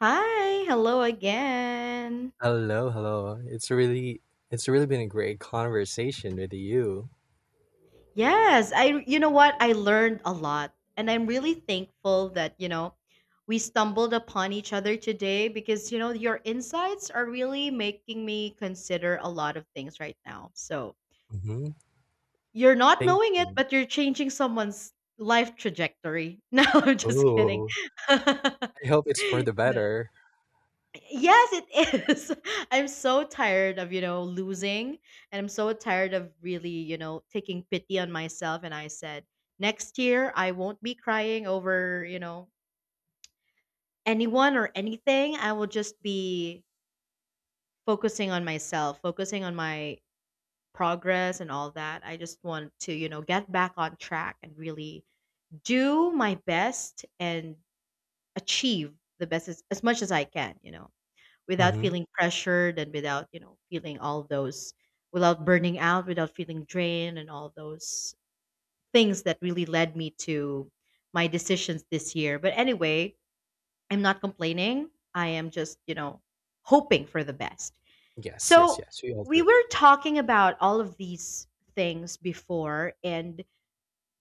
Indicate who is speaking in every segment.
Speaker 1: Hi, hello again.
Speaker 2: Hello, hello. It's really been a great conversation with you.
Speaker 1: Yes, I you know what? I learned a lot and I'm really thankful that we stumbled upon each other today because your insights are really making me consider a lot of things right now. So,
Speaker 2: Mm-hmm.
Speaker 1: you're not
Speaker 2: Thank
Speaker 1: knowing it,
Speaker 2: you.
Speaker 1: but you're changing someone's life trajectory. No, I'm just kidding.
Speaker 2: Oh, I hope it's for the
Speaker 1: No.
Speaker 2: better.
Speaker 1: Yes, it is. I'm so tired of losing, and I'm so tired of really taking pity on myself, and I said, next year I won't be crying over anyone or anything. I will just be focusing on myself, focusing on my progress and all that. I just want to get back on track and really do my best and achieve the best as much as I can. Without
Speaker 2: Mm-hmm.
Speaker 1: feeling pressured and without feeling all those, without burning out, without feeling drained, and all those things that really led me to my decisions this year. But anyway, I'm not complaining, I am just hoping for the best.
Speaker 2: Yes, yes,
Speaker 1: So
Speaker 2: yes. We all
Speaker 1: we
Speaker 2: do.
Speaker 1: were talking about all of these things before, and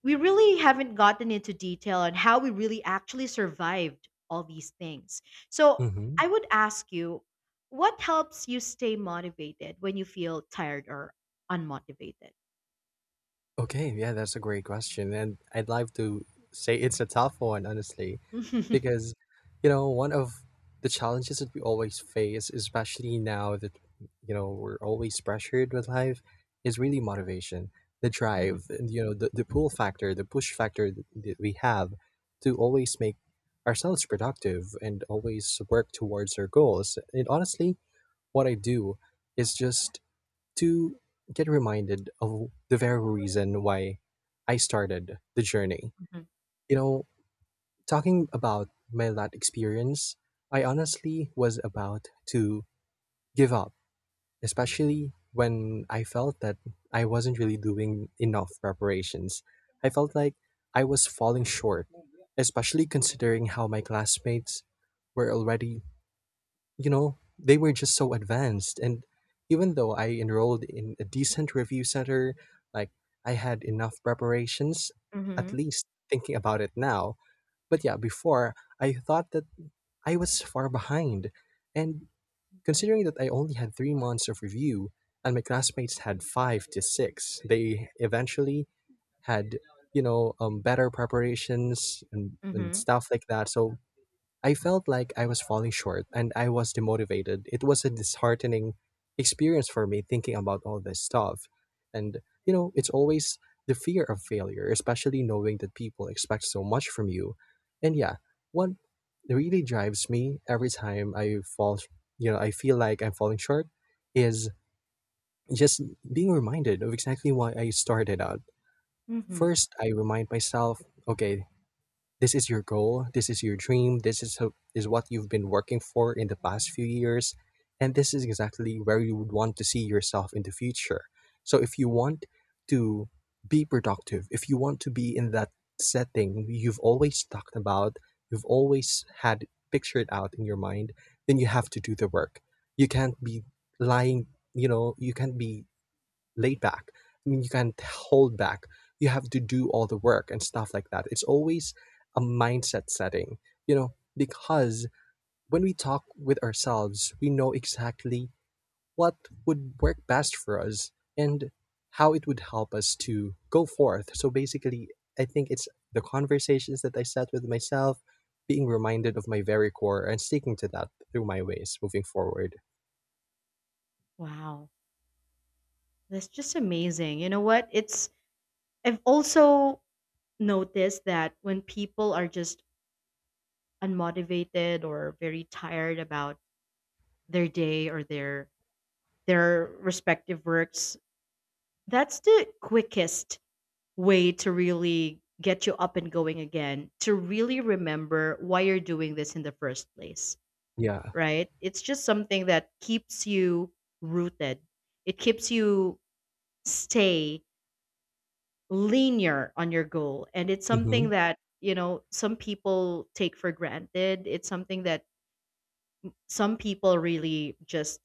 Speaker 1: we really haven't gotten into detail on how we really actually survived all these things. So
Speaker 2: Mm-hmm.
Speaker 1: I would ask you, what helps you stay motivated when you feel tired or unmotivated?
Speaker 2: Okay, yeah, that's a great question, and I'd like to say it's a tough one, honestly. Because one of the challenges that we always face, especially now that we're always pressured with life, is really motivation, the drive,
Speaker 1: Mhm.
Speaker 2: and the pull factor, the push factor that we have to always make ourselves productive and always work towards our goals. And honestly, what I do is just to get reminded of the very reason why I started the journey
Speaker 1: Mhm.
Speaker 2: you know Talking about my lat experience, I honestly was about to give up, especially when I felt that I wasn't really doing enough preparations. I felt like I was falling short, especially considering how my classmates were already, you know, they were just so advanced. And even though I enrolled in a decent review center, like I had enough preparations, at
Speaker 1: Mhm.
Speaker 2: least thinking about it now. But yeah, before I thought that I was far behind. And considering that I only had 3 months of review and my classmates had five to six, they eventually had, better preparations and,
Speaker 1: Mhm.
Speaker 2: and
Speaker 1: Mhm.
Speaker 2: stuff like that. So I felt like I was falling short and I was demotivated. It was a disheartening experience for me thinking about all this stuff. And it's always the fear of failure, especially knowing that people expect so much from you. And yeah, what really drives me every time I fall, I feel like I'm falling short is just being reminded of exactly why I started out.
Speaker 1: Mhm.
Speaker 2: First, I remind myself, okay, this is your goal, this is your dream, this is what you've been working for in the past few years, and this is exactly where you would want to see yourself in the future. So if you want to be productive, if you want to be in that setting you've always talked about, you've always had pictured out in your mind, then you have to do the work. You can't be lying, you can't be laid back. I mean, you can't hold back. You have to do all the work and stuff like that. It's always a mindset setting, because when we talk with ourselves, we know exactly what would work best for us and how it would help us to go forth. So basically, I think it's the conversations that I set with myself, being reminded of my very core and sticking to that through my ways moving forward.
Speaker 1: Wow, that's just amazing. You know what? It's I've also noticed that when people are just unmotivated or very tired about their day or their respective works, that's the quickest way to really get you up and going again, to really remember why you're doing this in the first place,
Speaker 2: Yeah.
Speaker 1: right? It's just something that keeps you rooted. It keeps you stay linear on your goal. And it's
Speaker 2: Hmm.
Speaker 1: something that some people take for granted. It's something that some people really just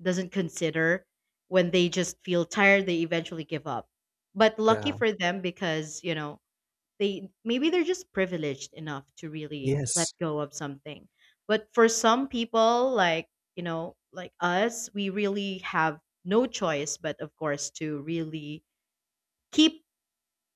Speaker 1: doesn't consider. When they just feel tired, they eventually give up. But lucky
Speaker 2: Yeah.
Speaker 1: for them, they maybe they're just privileged enough to really let
Speaker 2: Yes.
Speaker 1: go of something. But for some people like like us, we really have no choice but of course to really keep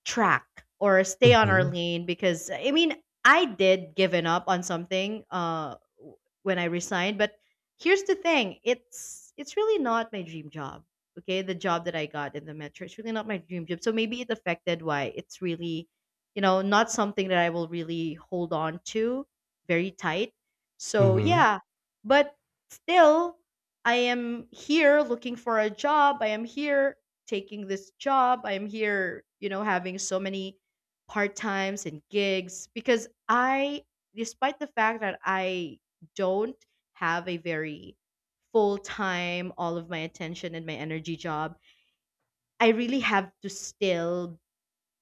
Speaker 1: track or stay on our
Speaker 2: Hmm.
Speaker 1: lane, because I mean, I did given up on something when I resigned. But here's the thing, it's really not my dream job. Okay, the job that I got in the metro, it's really not my dream job, so maybe it affected why it's really not something that I will really hold on to very tight. So
Speaker 2: Hmm.
Speaker 1: yeah, but still, I am here looking for a job, I am here taking this job. I'm here, having so many part times and gigs because I, despite the fact that I don't have a very full time, all of my attention and my energy job, I really have to still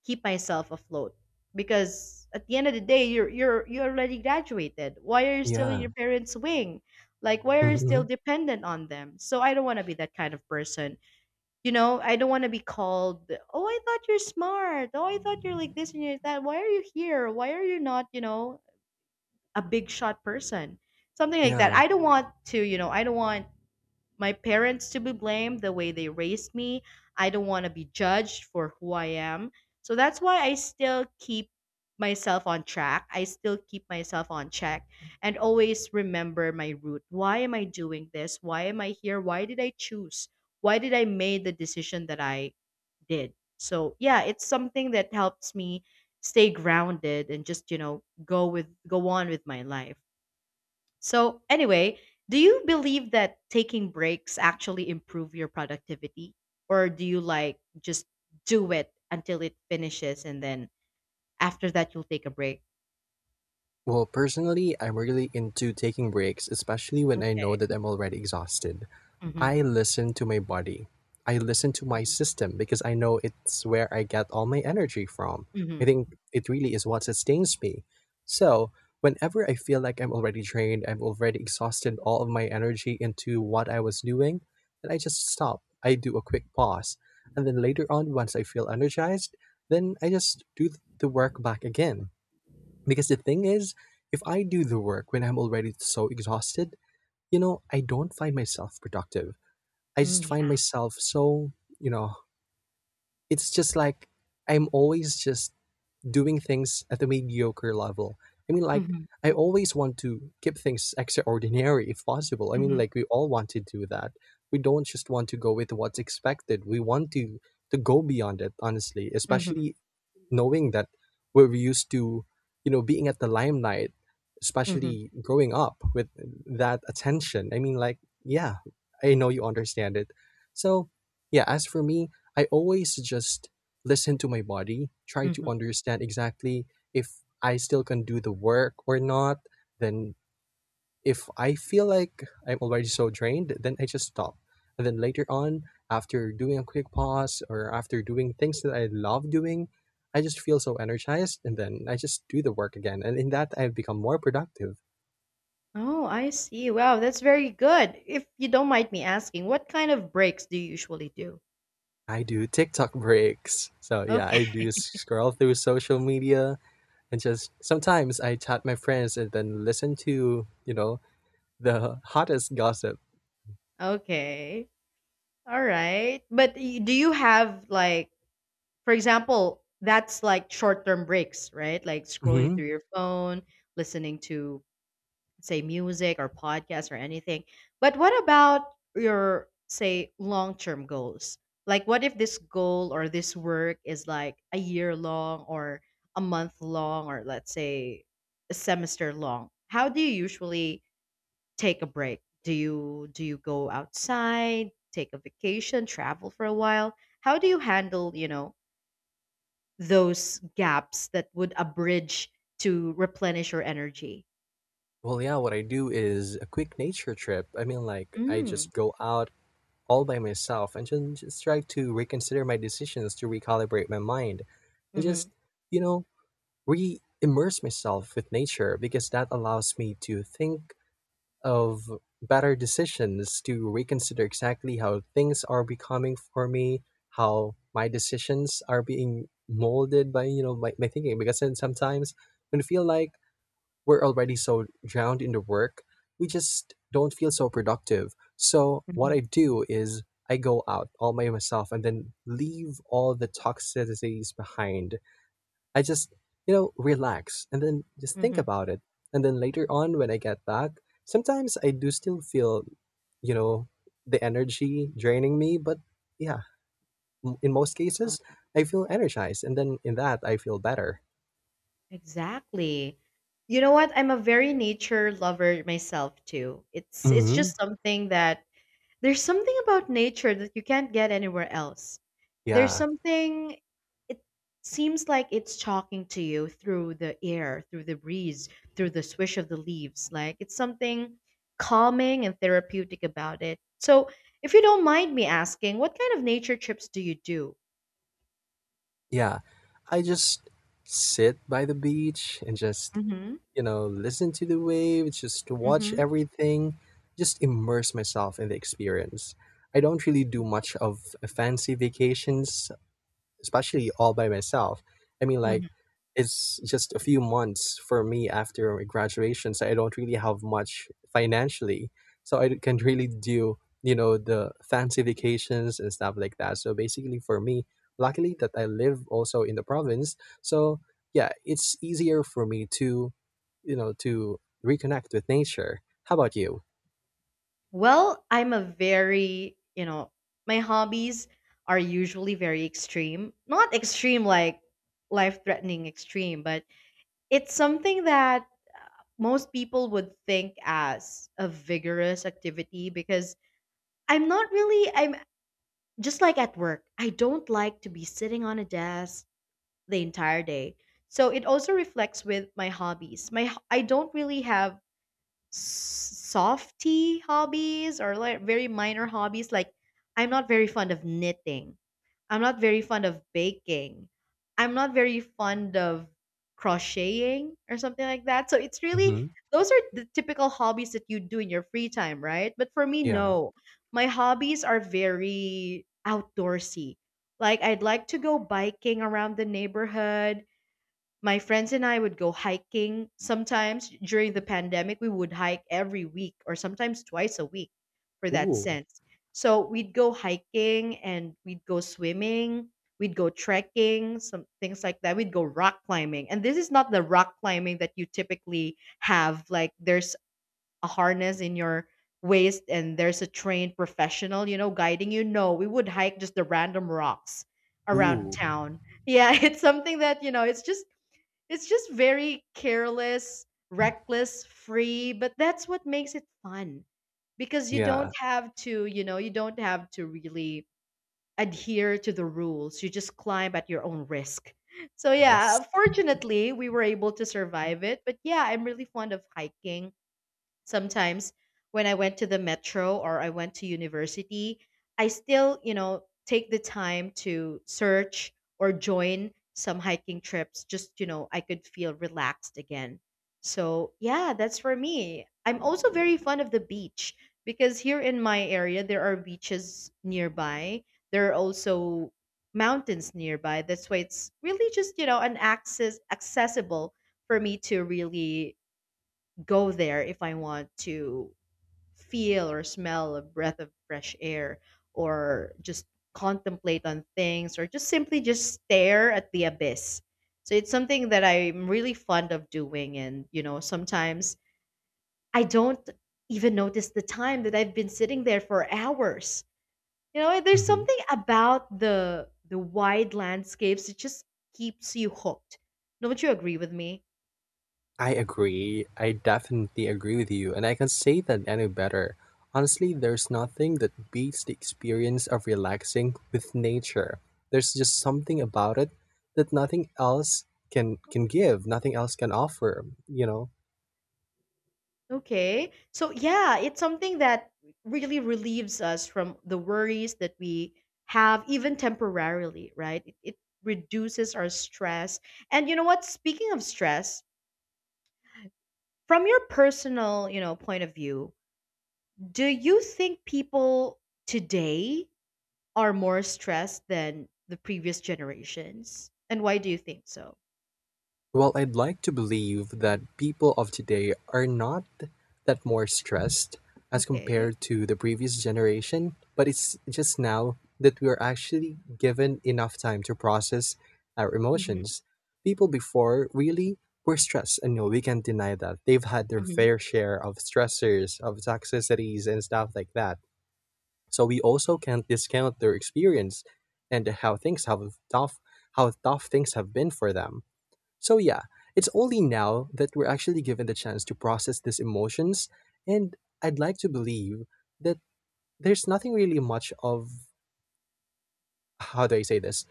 Speaker 1: keep myself afloat, because at the end of the day, you already graduated. Why are you still in
Speaker 2: Yeah.
Speaker 1: your parents' wing? Like, why are you still
Speaker 2: Hmm.
Speaker 1: dependent on them? So I don't want to be that kind of person. I don't want to be called, "Oh, I thought you're smart. Oh, I thought you're like this and you're that. Why are you here? Why are you not, a big shot person?" Something like that.
Speaker 2: Yeah.
Speaker 1: I don't want my parents to be blamed the way they raised me. I don't want to be judged for who I am. So that's why I still keep myself on track. I still keep myself on check, and always remember my root. Why am I doing this? Why am I here? Why did I choose? Why did I make the decision that I did? So yeah, it's something that helps me stay grounded and just, go on with my life. So anyway, do you believe that taking breaks actually improve your productivity? Or do you like just do it until it finishes, and then after that you'll take a break?
Speaker 2: Well, personally, I'm really into taking breaks, especially when I know that
Speaker 1: Okay.
Speaker 2: I'm already exhausted.
Speaker 1: Mm-hmm.
Speaker 2: I listen to my body. I listen to my system because I know it's where I get all my energy from. I
Speaker 1: Hmm.
Speaker 2: think it really is what sustains me. So, whenever I feel like I'm already drained, I've already exhausted all of my energy into what I was doing, then I just stop. I do a quick pause. And then later on, once I feel energized, then I just do the work back again. Because the thing is, if I do the work when I'm already so exhausted, I don't find myself productive. I
Speaker 1: Mm.
Speaker 2: just find
Speaker 1: Yeah.
Speaker 2: myself so, you know, it's just like I'm always just doing things at the mediocre level. I mean, like,
Speaker 1: Mm-hmm.
Speaker 2: I always want to keep things extraordinary if possible. I mean,
Speaker 1: Hmm.
Speaker 2: like, we all want to do that. We don't just want to go with what's expected. We want to go beyond it, honestly, especially knowing that we're used to being at the limelight,
Speaker 1: Hmm.
Speaker 2: especially growing up with that attention. I mean, like, yeah, I know you understand it. So yeah, as for me, I always just listen to my body, try to
Speaker 1: Hmm.
Speaker 2: understand exactly if I still can do the work or not. Then if I feel like I'm already so drained, then I just stop. And then later on, after doing a quick pause or after doing things that I love doing, I just feel so energized and then I just do the work again. And in that, I've become more productive.
Speaker 1: Oh, I see. Wow, that's very good. If you don't mind me asking, what kind of breaks do you usually do?
Speaker 2: I do TikTok breaks. So yeah,
Speaker 1: Okay.
Speaker 2: I do scroll through social media and just sometimes I chat my friends and then listen to, the hottest gossip.
Speaker 1: Okay. All right. But do you have like, for example, that's like short-term breaks, right? Like scrolling
Speaker 2: Hmm.
Speaker 1: through your phone, listening to say music or podcast or anything. But what about your say long-term goals? Like, what if this goal or this work is like a year long, or a month long, or let's say a semester long? How do you usually take a break? Do you go outside, take a vacation, travel for a while? How do you handle those gaps that would abridge to replenish your energy?
Speaker 2: Well, yeah, what I do is a quick nature trip. I mean, like, I
Speaker 1: Mm.
Speaker 2: just go out all by myself and then just try to reconsider my decisions to recalibrate my mind and
Speaker 1: Mm-hmm.
Speaker 2: just, you know, re immerse myself with nature because that allows me to think of better decisions to reconsider exactly how things are becoming for me, how my decisions are being molded by my thinking. Because then sometimes when you feel like we're already so drowned in the work, we just don't feel so productive. So what I do is I go out all by myself and then leave all the toxicities behind. I just, relax and then just think
Speaker 1: Mm-hmm.
Speaker 2: about it. And then later on when I get back, sometimes I do still feel, you know, the energy draining me, but yeah, in most cases,
Speaker 1: Uh,
Speaker 2: I feel energized and then in that I feel better.
Speaker 1: Exactly. You know what? I'm a very nature lover myself too. It's
Speaker 2: Hmm.
Speaker 1: just something that There's something about nature that you can't get anywhere else. There's
Speaker 2: Yeah.
Speaker 1: something It seems like it's talking to you through the air, through the breeze, through the swish of the leaves. Like, it's something calming and therapeutic about it. So, if you don't mind me asking, what kind of nature trips do you do?
Speaker 2: Yeah, I just sit by the beach and just,
Speaker 1: Mhm.
Speaker 2: listen to the waves, just watch
Speaker 1: Mhm.
Speaker 2: everything, just immerse myself in the experience. I don't really do much of fancy vacations especially all by myself. I mean, like,
Speaker 1: Mhm.
Speaker 2: it's just a few months for me after my graduation, so I don't really have much financially. So I can really do, the fancy vacations and stuff like that. So basically, for me, luckily that I live also in the province, so yeah, it's easier for me to, to reconnect with nature. How about you?
Speaker 1: Well, I'm a very, you know, my hobbies are usually very extreme. Not extreme like life-threatening extreme, but it's something that most people would think as a vigorous activity, because I'm not really I'm just like at work. I don't like to be sitting on a desk the entire day. So it also reflects with my hobbies. I don't really have softy hobbies or like very minor hobbies. Like, I'm not very fond of knitting, I'm not very fond of baking, I'm not very fond of crocheting or something like that. So it's really
Speaker 2: Mm-hmm.
Speaker 1: those are the typical hobbies that you do in your free time, right? But for me,
Speaker 2: Yeah.
Speaker 1: no. My hobbies are very outdoorsy. Like, I'd like to go biking around the neighborhood. My friends and I would go hiking sometimes during the pandemic. We would hike every week or sometimes twice a week for that
Speaker 2: Cool.
Speaker 1: sense. So we'd go hiking, and we'd go swimming, we'd go trekking, some things like that. We'd go rock climbing. And this is not the rock climbing that you typically have, like there's a harness in your waist and there's a trained professional guiding you. No, we would hike just the random rocks around
Speaker 2: Ooh.
Speaker 1: town. Yeah, it's something that it's just very careless, reckless, free, but that's what makes it fun, because you don't
Speaker 2: Yeah.
Speaker 1: have to, you don't have to really adhere to the rules. You just climb at your own risk. So
Speaker 2: Yes.
Speaker 1: yeah, fortunately, we were able to survive it, but yeah, I'm really fond of hiking. Sometimes when I went to the metro or I went to university, I still take the time to search or join some hiking trips just, I could feel relaxed again. So, yeah, that's for me. I'm also very fond of the beach, because here in my area, there are beaches nearby. There are also mountains nearby. That's why it's really just, an accessible for me to really go there if I want to feel or smell a breath of fresh air, or just contemplate on things, or just simply just stare at the abyss. So it's something that I'm really fond of doing, and sometimes I don't even notice the time that I've been sitting there for hours. You know, there's something about the wide landscapes that just keeps you hooked. Don't you agree with me?
Speaker 2: I agree. I definitely agree with you, and I can't say that any better. Honestly, there's nothing that beats the experience of relaxing with nature. There's just something about it that nothing else can give, nothing else can offer.
Speaker 1: Okay. So yeah, it's something that really relieves us from the worries that we have, even temporarily, right? It reduces our stress. And you know what? Speaking of stress, from your personal point of view, do you think people today are more stressed than the previous generations? And why do you think so?
Speaker 2: Well, I'd like to believe that people of today are not that more stressed as
Speaker 1: Okay.
Speaker 2: compared to the previous generation, but it's just now that we are actually given enough time to process our
Speaker 1: Hmm.
Speaker 2: emotions. People before really were stressed, and no, we can't deny that. They've had their
Speaker 1: Hmm.
Speaker 2: fair share of stressors, of toxicities, and stuff like that. So we also can't discount their experience and tough, how tough things have been for them, so, yeah, it's only now that we're actually given the chance to process these emotions. And I'd like to believe that there's nothing really much of, how do I say this?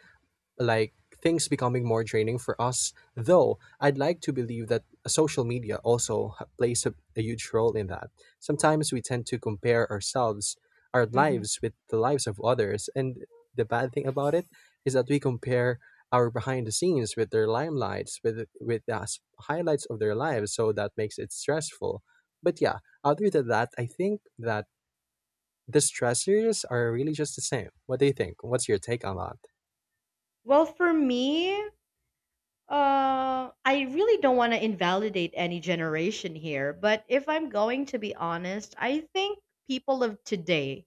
Speaker 2: Like things becoming more draining for us. Though I'd like to believe that social media also plays a huge role in that. Sometimes we tend to compare ourselves, our
Speaker 1: Hmm.
Speaker 2: lives with the lives of others, and the bad thing about it is that we compare our behind the scenes with their limelights, with the highlights of their lives. So that makes it stressful. But yeah, other than that, I think that the stressors are really just the same. What do you think? What's your take on that?
Speaker 1: Well, for me, I really don't want to invalidate any generation here, but if I'm going to be honest, I think people of today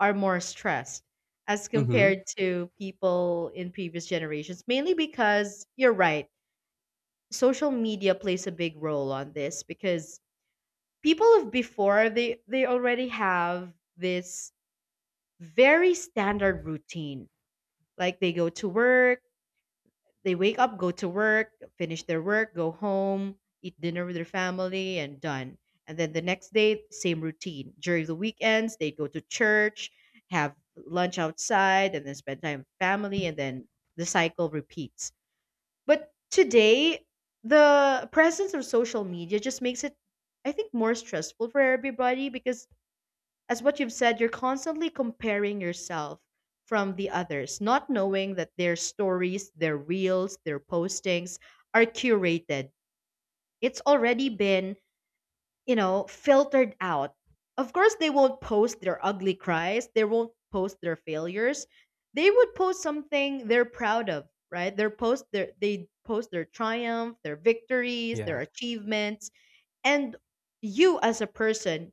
Speaker 1: are more stressed as
Speaker 2: Mm-hmm.
Speaker 1: compared to people in previous generations, mainly because you're right, social media plays a big role on this, because people of before, they already have this very standard routine. Like, they wake up, go to work, finish their work, go home, eat dinner with their family, and done. And then the next day, same routine. During the weekends, they go to church, have lunch outside, and then spend time with family, and then the cycle repeats. But today, the presence of social media just makes it, I think, more stressful for everybody because as what you've said, you're constantly comparing yourself from the others, not knowing that their stories, their reels, their postings are curated. It's already been, filtered out. Of course, they won't post their ugly cries, they won't post their failures. They would post something they're proud of, right? They post their triumph, their victories,
Speaker 2: Yeah.
Speaker 1: their achievements, and you as a person,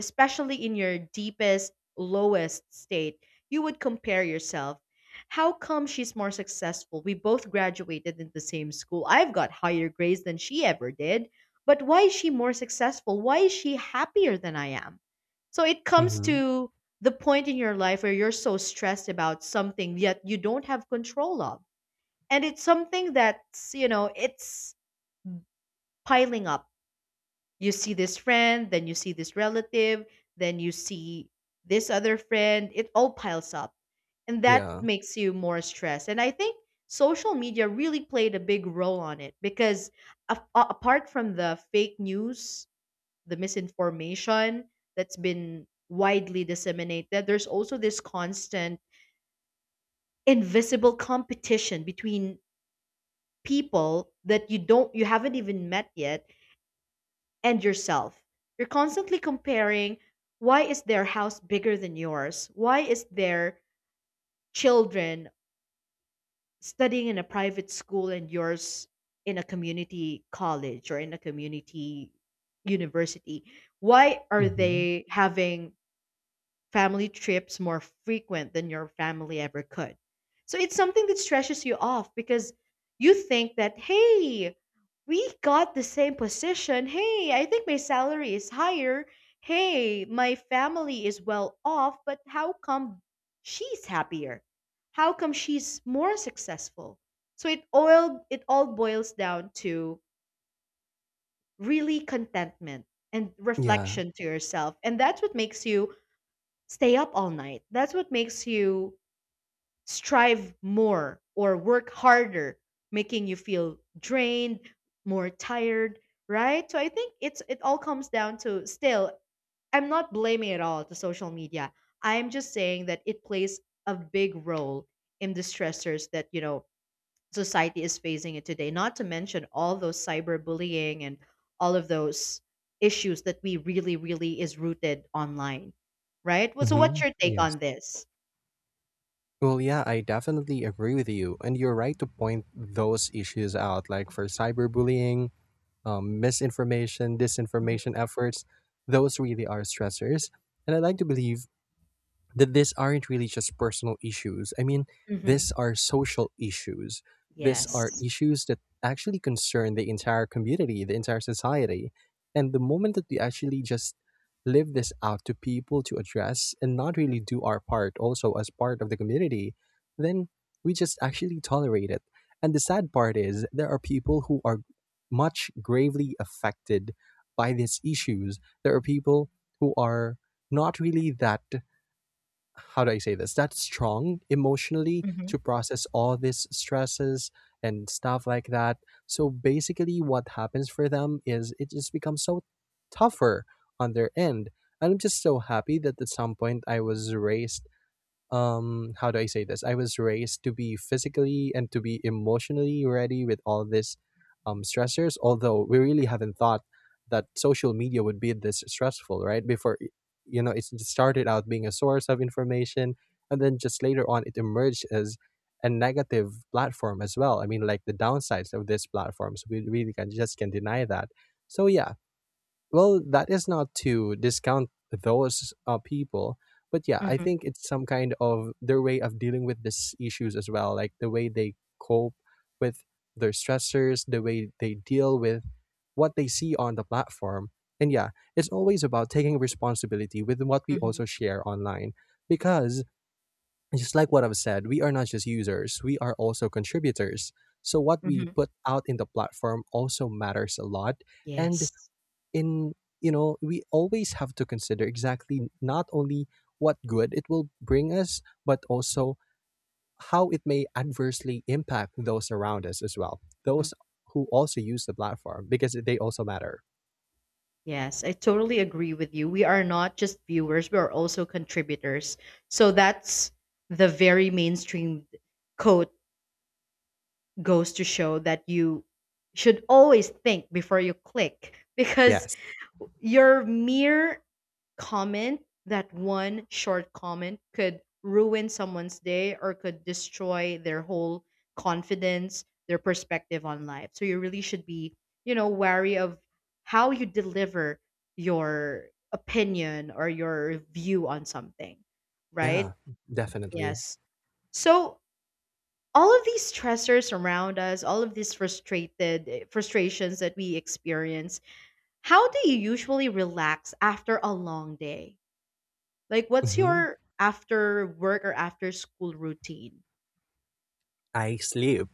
Speaker 1: especially in your deepest, lowest state, you would compare yourself. How come she's more successful? We both graduated in the same school. I've got higher grades than she ever did. But why is she more successful? Why is she happier than I am? So it comes
Speaker 2: Mm-hmm.
Speaker 1: to the point in your life where you're so stressed about something yet you don't have control of. And it's something that's, it's piling up. You see this friend, then you see this relative, then you see this other friend. It all piles up. And that
Speaker 2: Yeah.
Speaker 1: makes you more stressed. And I think social media really played a big role on it because apart from the fake news, the misinformation that's been widely disseminated, there's also this constant invisible competition between people that you haven't even met yet and yourself. You're constantly comparing, why is their house bigger than yours? Why is their children studying in a private school and yours in a community college or in a community university? Why are
Speaker 2: Mhm.
Speaker 1: they having family trips more frequent than your family ever could? So it's something that stresses you off because you think that, hey, we got the same position. Hey, I think my salary is higher. Hey, my family is well off, but how come she's happier? How come she's more successful? So it all boils down to really contentment and
Speaker 2: Yeah.
Speaker 1: reflection to yourself. And that's what makes you stay up all night. That's what makes you strive more or work harder, making you feel drained, more tired, right? So I think it all comes down to, still, I'm not blaming it all to social media. I'm just saying that it plays a big role in the stressors that, you know, society is facing it today. Not to mention all those cyberbullying and all of those issues that we really, really is rooted online, right? Well, so what's
Speaker 2: Mhm.
Speaker 1: your take
Speaker 2: Yes.
Speaker 1: on this?
Speaker 2: Well, yeah, I definitely agree with you, and you're right to point those issues out. Like for cyberbullying, misinformation,
Speaker 1: Hmm
Speaker 2: disinformation efforts, those really are stressors. And I would like to believe that these aren't really just personal issues. I mean,
Speaker 1: hmm
Speaker 2: these are social issues. These are
Speaker 1: Yes.
Speaker 2: issues that actually concern the entire community, the entire society. And the moment that we actually just live this out to people to address and not really do our part also as part of the community, then we just actually tolerate it. And the sad part is there are people who are much gravely affected by these issues. There are people who are not really that, how do I say this? That strong emotionally
Speaker 1: hmm
Speaker 2: to process all these stresses and stuff like that. So basically, what happens for them is it just becomes so tougher on their end. And I'm just so happy that at some point I was raised, how do I say this? I was raised to be physically and to be emotionally ready with all this stressors, although we really haven't thought that social media would be this stressful. Right before it started out being a source of information, and then just later on it emerged as a negative platform as well. I mean, like, the downsides of these platforms we really can just can deny that. So yeah. Well, that is not to discount those people, but yeah, I
Speaker 1: hmm
Speaker 2: think it's some kind of their way of dealing with these issues as well, like the way they cope with their stressors, the way they deal with what they see on the platform. And yeah, it's always about taking responsibility with what we
Speaker 1: hmm
Speaker 2: also share online because just like what I've said, we are not just users, we are also contributors. So what we
Speaker 1: hmm
Speaker 2: put out in the platform also matters a lot, and
Speaker 1: Yes.
Speaker 2: in you know we always have to consider exactly not only what good it will bring us but also how it may adversely impact those around us as well,
Speaker 1: hmm
Speaker 2: those who also use the platform because they also matter.
Speaker 1: Yes, I totally agree with you. We are not just viewers, we are also contributors. So that's the very mainstream quote, goes to show that you should always think before you click because
Speaker 2: Yes.
Speaker 1: your mere comment, that one short comment, could ruin someone's day or could destroy their whole confidence, their perspective on life. So you really should be, wary of how you deliver your opinion or your view on something, right?
Speaker 2: Yeah, definitely.
Speaker 1: Yes. So all of these stressors around us, all of these frustrations that we experience, how do you usually relax after a long day? Like what's
Speaker 2: Hmm.
Speaker 1: your after work or after school routine?
Speaker 2: I sleep,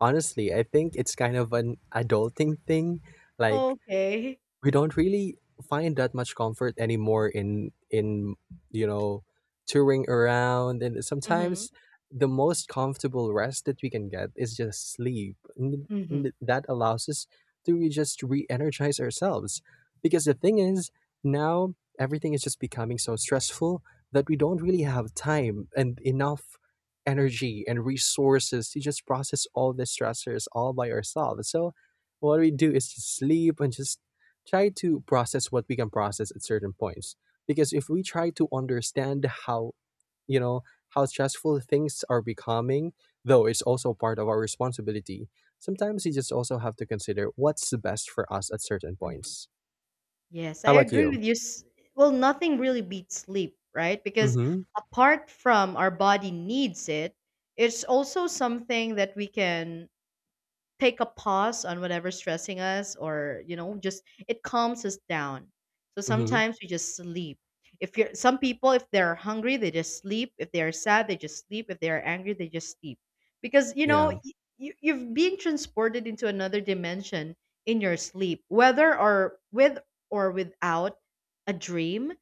Speaker 2: honestly. I think it's kind of an adulting thing, like
Speaker 1: Okay.
Speaker 2: we don't really find that much comfort anymore in you know touring around. And
Speaker 1: Mhm.
Speaker 2: sometimes the most comfortable rest that we can get is just sleep, and
Speaker 1: Mhm.
Speaker 2: that allows us to just re-energize ourselves. Because the thing is, now everything is just becoming so stressful that we don't really have time and enough energy and resources to just process all the stressors all by ourselves. So what we do is just sleep and just try to process what we can process at certain points. Because if we try to understand how you know how stressful things are becoming, though it's also part of our responsibility, sometimes you just also have to consider what's the best for us at certain
Speaker 1: Mhm.
Speaker 2: points.
Speaker 1: Yes, I
Speaker 2: How about
Speaker 1: agree
Speaker 2: you?
Speaker 1: with you. Well, nothing really beats sleep, right? Because
Speaker 2: Mm-hmm.
Speaker 1: apart from our body needs it, it's also something that we can take a pause on whatever's stressing us, or, just it calms us down. So
Speaker 2: Mm-hmm.
Speaker 1: sometimes we just sleep. If you're Some people, if they're hungry they just sleep, if they're sad they just sleep, if they're angry they just sleep, because, you know
Speaker 2: Yeah.
Speaker 1: y- you, you've been transported into another dimension in your sleep, whether or with or without a dream,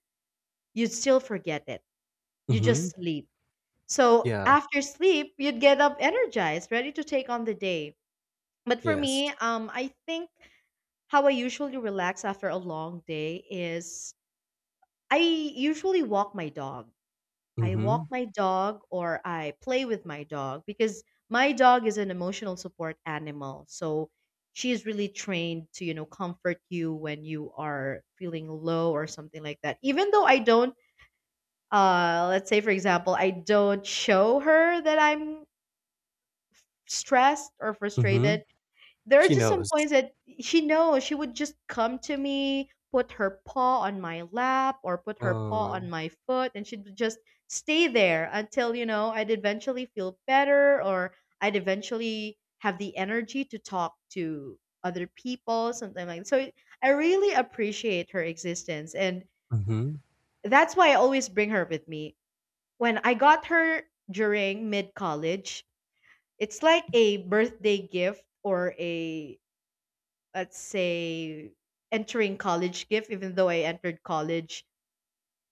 Speaker 1: you'd still forget it. You
Speaker 2: Mm-hmm.
Speaker 1: just sleep. So
Speaker 2: Yeah.
Speaker 1: after sleep you'd get up energized, ready to take on the day. But for
Speaker 2: Yes.
Speaker 1: me, I think how I usually relax after a long day is, I usually walk my dog. I
Speaker 2: Mm-hmm.
Speaker 1: walk my dog or I play with my dog because my dog is an emotional support animal. So she is really trained to, comfort you when you are feeling low or something like that. Even though I don't, let's say, for example, I don't show her that I'm stressed or
Speaker 2: Mm-hmm.
Speaker 1: frustrated, there are
Speaker 2: She
Speaker 1: just some
Speaker 2: knows.
Speaker 1: points that she knows. She would just come to me, put her paw on my lap or put her paw
Speaker 2: uh,
Speaker 1: on my foot, and she'd just stay there until, I'd eventually feel better, or I'd eventually have the energy to talk to other people, something like that. I really appreciate her existence. And
Speaker 2: mm-hmm.
Speaker 1: that's why I always bring her with me. When I got her during mid college, it's like a birthday gift, or a, let's say, entering college gift, even though I entered college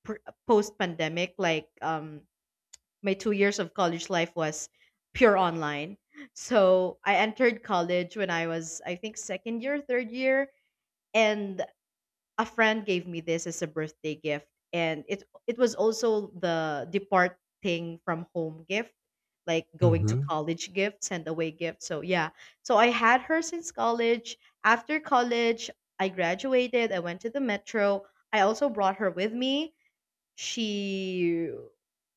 Speaker 1: post pandemic. Like, my 2 years of college life was pure online, so I entered college when I was, I think, second year, third year. And a friend gave me this as a birthday gift, and it was also the departing from home gift, like going to
Speaker 2: Mm-hmm.
Speaker 1: college gift, send away gift. So yeah, so I had her since college. After college, I graduated, I went to the metro, I also brought her with me. she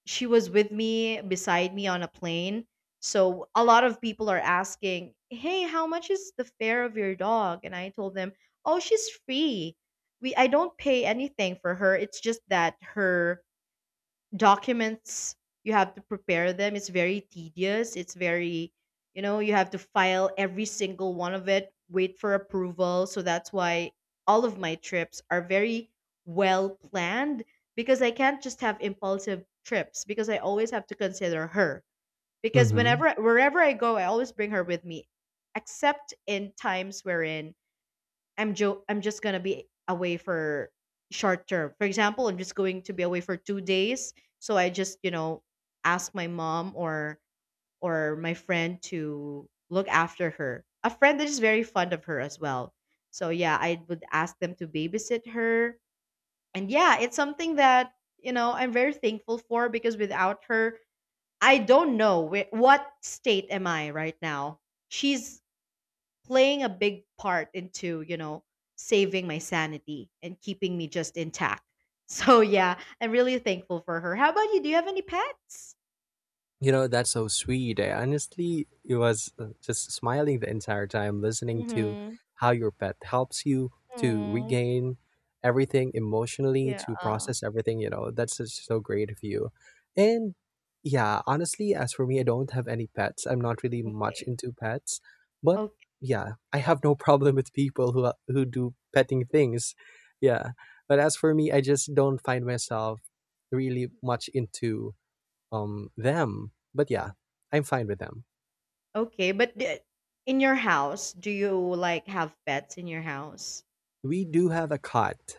Speaker 1: she was with me, beside me on a plane. So a lot of people are asking, hey, how much is the fare of your dog? And I told them, oh, she's free. We i don't pay anything for her. It's just that her documents, you have to prepare them. It's very tedious, it's very, you have to file every single one of it, wait for approval. So that's why all of my trips are very well planned, because I can't just have impulsive trips, because I always have to consider her, because
Speaker 2: Mm-hmm.
Speaker 1: whenever, wherever I go, I always bring her with me, except in times wherein I'm just gonna be away for short term. For example, I'm just going to be away for 2 days. So I just, ask my mom, or my friend, to look after her. A friend that is very fond of her as well. So yeah, I would ask them to babysit her. And yeah, it's something that, I'm very thankful for, because without her, I don't know where, what state am I right now. She's playing a big part into, saving my sanity and keeping me just intact. So yeah, I'm really thankful for her. How about you, do you have any pets?
Speaker 2: That's so sweet. I honestly, it was just smiling the entire time listening to
Speaker 1: Mm-hmm.
Speaker 2: how your pet helps you to
Speaker 1: Mm,
Speaker 2: regain everything emotionally,
Speaker 1: yeah.
Speaker 2: to process everything. That's just so great of you. And yeah, honestly, as for me, I don't have any pets. I'm not really much
Speaker 1: Okay.
Speaker 2: into pets, but
Speaker 1: Okay.
Speaker 2: yeah, I have no problem with people who do petting things. Yeah. But as for me, I just don't find myself really much into them. But yeah, I'm fine with them.
Speaker 1: Okay, but in your house, do you like have pets in your house?
Speaker 2: We do have a cat,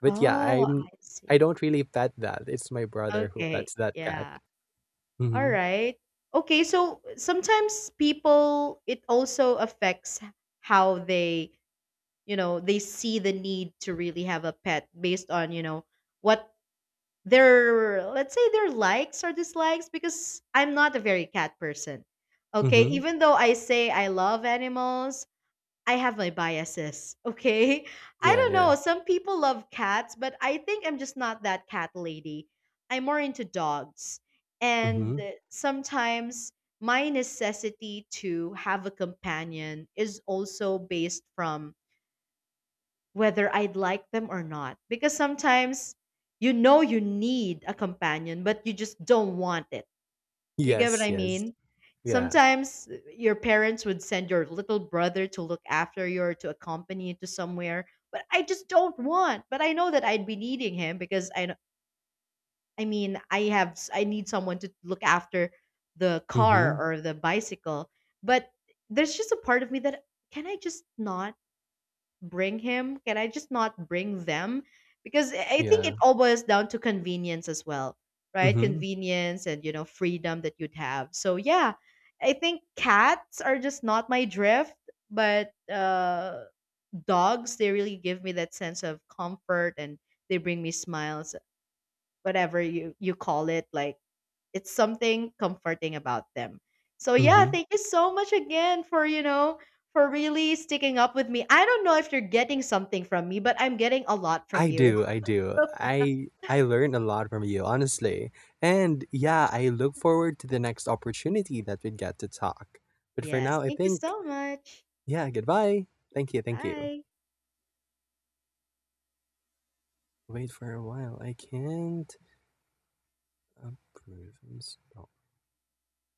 Speaker 2: but yeah,
Speaker 1: Oh,
Speaker 2: I'm
Speaker 1: I
Speaker 2: I
Speaker 1: see.
Speaker 2: don't really pet that. It's my brother who
Speaker 1: Okay.
Speaker 2: pets that cat.
Speaker 1: Yeah. All
Speaker 2: Mm-hmm.
Speaker 1: right. Okay, so sometimes people, it also affects how they, they see the need to really have a pet based on, what their, let's say, their likes or dislikes. Because I'm not a very cat person, okay,
Speaker 2: Mm-hmm.
Speaker 1: even though I say I love animals. I have my biases. Okay, I
Speaker 2: Yeah,
Speaker 1: don't
Speaker 2: yeah.
Speaker 1: know, some people love cats, but I think I'm just not that cat lady. I'm more into dogs. And
Speaker 2: Mm-hmm.
Speaker 1: sometimes my necessity to have a companion is also based from whether I'd like them or not. Because sometimes, you know, you need a companion, but you just don't want it. You get what
Speaker 2: Yes,
Speaker 1: I
Speaker 2: yes.
Speaker 1: mean?
Speaker 2: Yeah.
Speaker 1: Sometimes, your parents would send your little brother to look after you or to accompany you to somewhere, but I just don't want. But I know that I'd be needing him, because I mean, I need someone to look after the
Speaker 2: Mm-hmm.
Speaker 1: car or the bicycle. But there's just a part of me that, can I just not bring him? Can I just not bring them? Because I think it
Speaker 2: Yeah.
Speaker 1: all boils down to convenience as well, right?
Speaker 2: Mm-hmm.
Speaker 1: Convenience and, freedom that you'd have. So yeah, I think cats are just not my drift, but, dogs, they really give me that sense of comfort, and they bring me smiles, whatever you call it, like, it's something comforting about them. So yeah,
Speaker 2: Mm-hmm.
Speaker 1: thank you so much again for really sticking up with me. I don't know if you're getting something from me, but I'm getting a lot from
Speaker 2: I
Speaker 1: you.
Speaker 2: do, I do. I learned a lot from you, honestly. And yeah, I look forward to the next opportunity that we get to talk. But for
Speaker 1: Yes,
Speaker 2: now, I
Speaker 1: thank you
Speaker 2: think,
Speaker 1: so much.
Speaker 2: yeah, goodbye. Thank you, thank you.
Speaker 1: Bye.
Speaker 2: Wait for a while, I can't approve and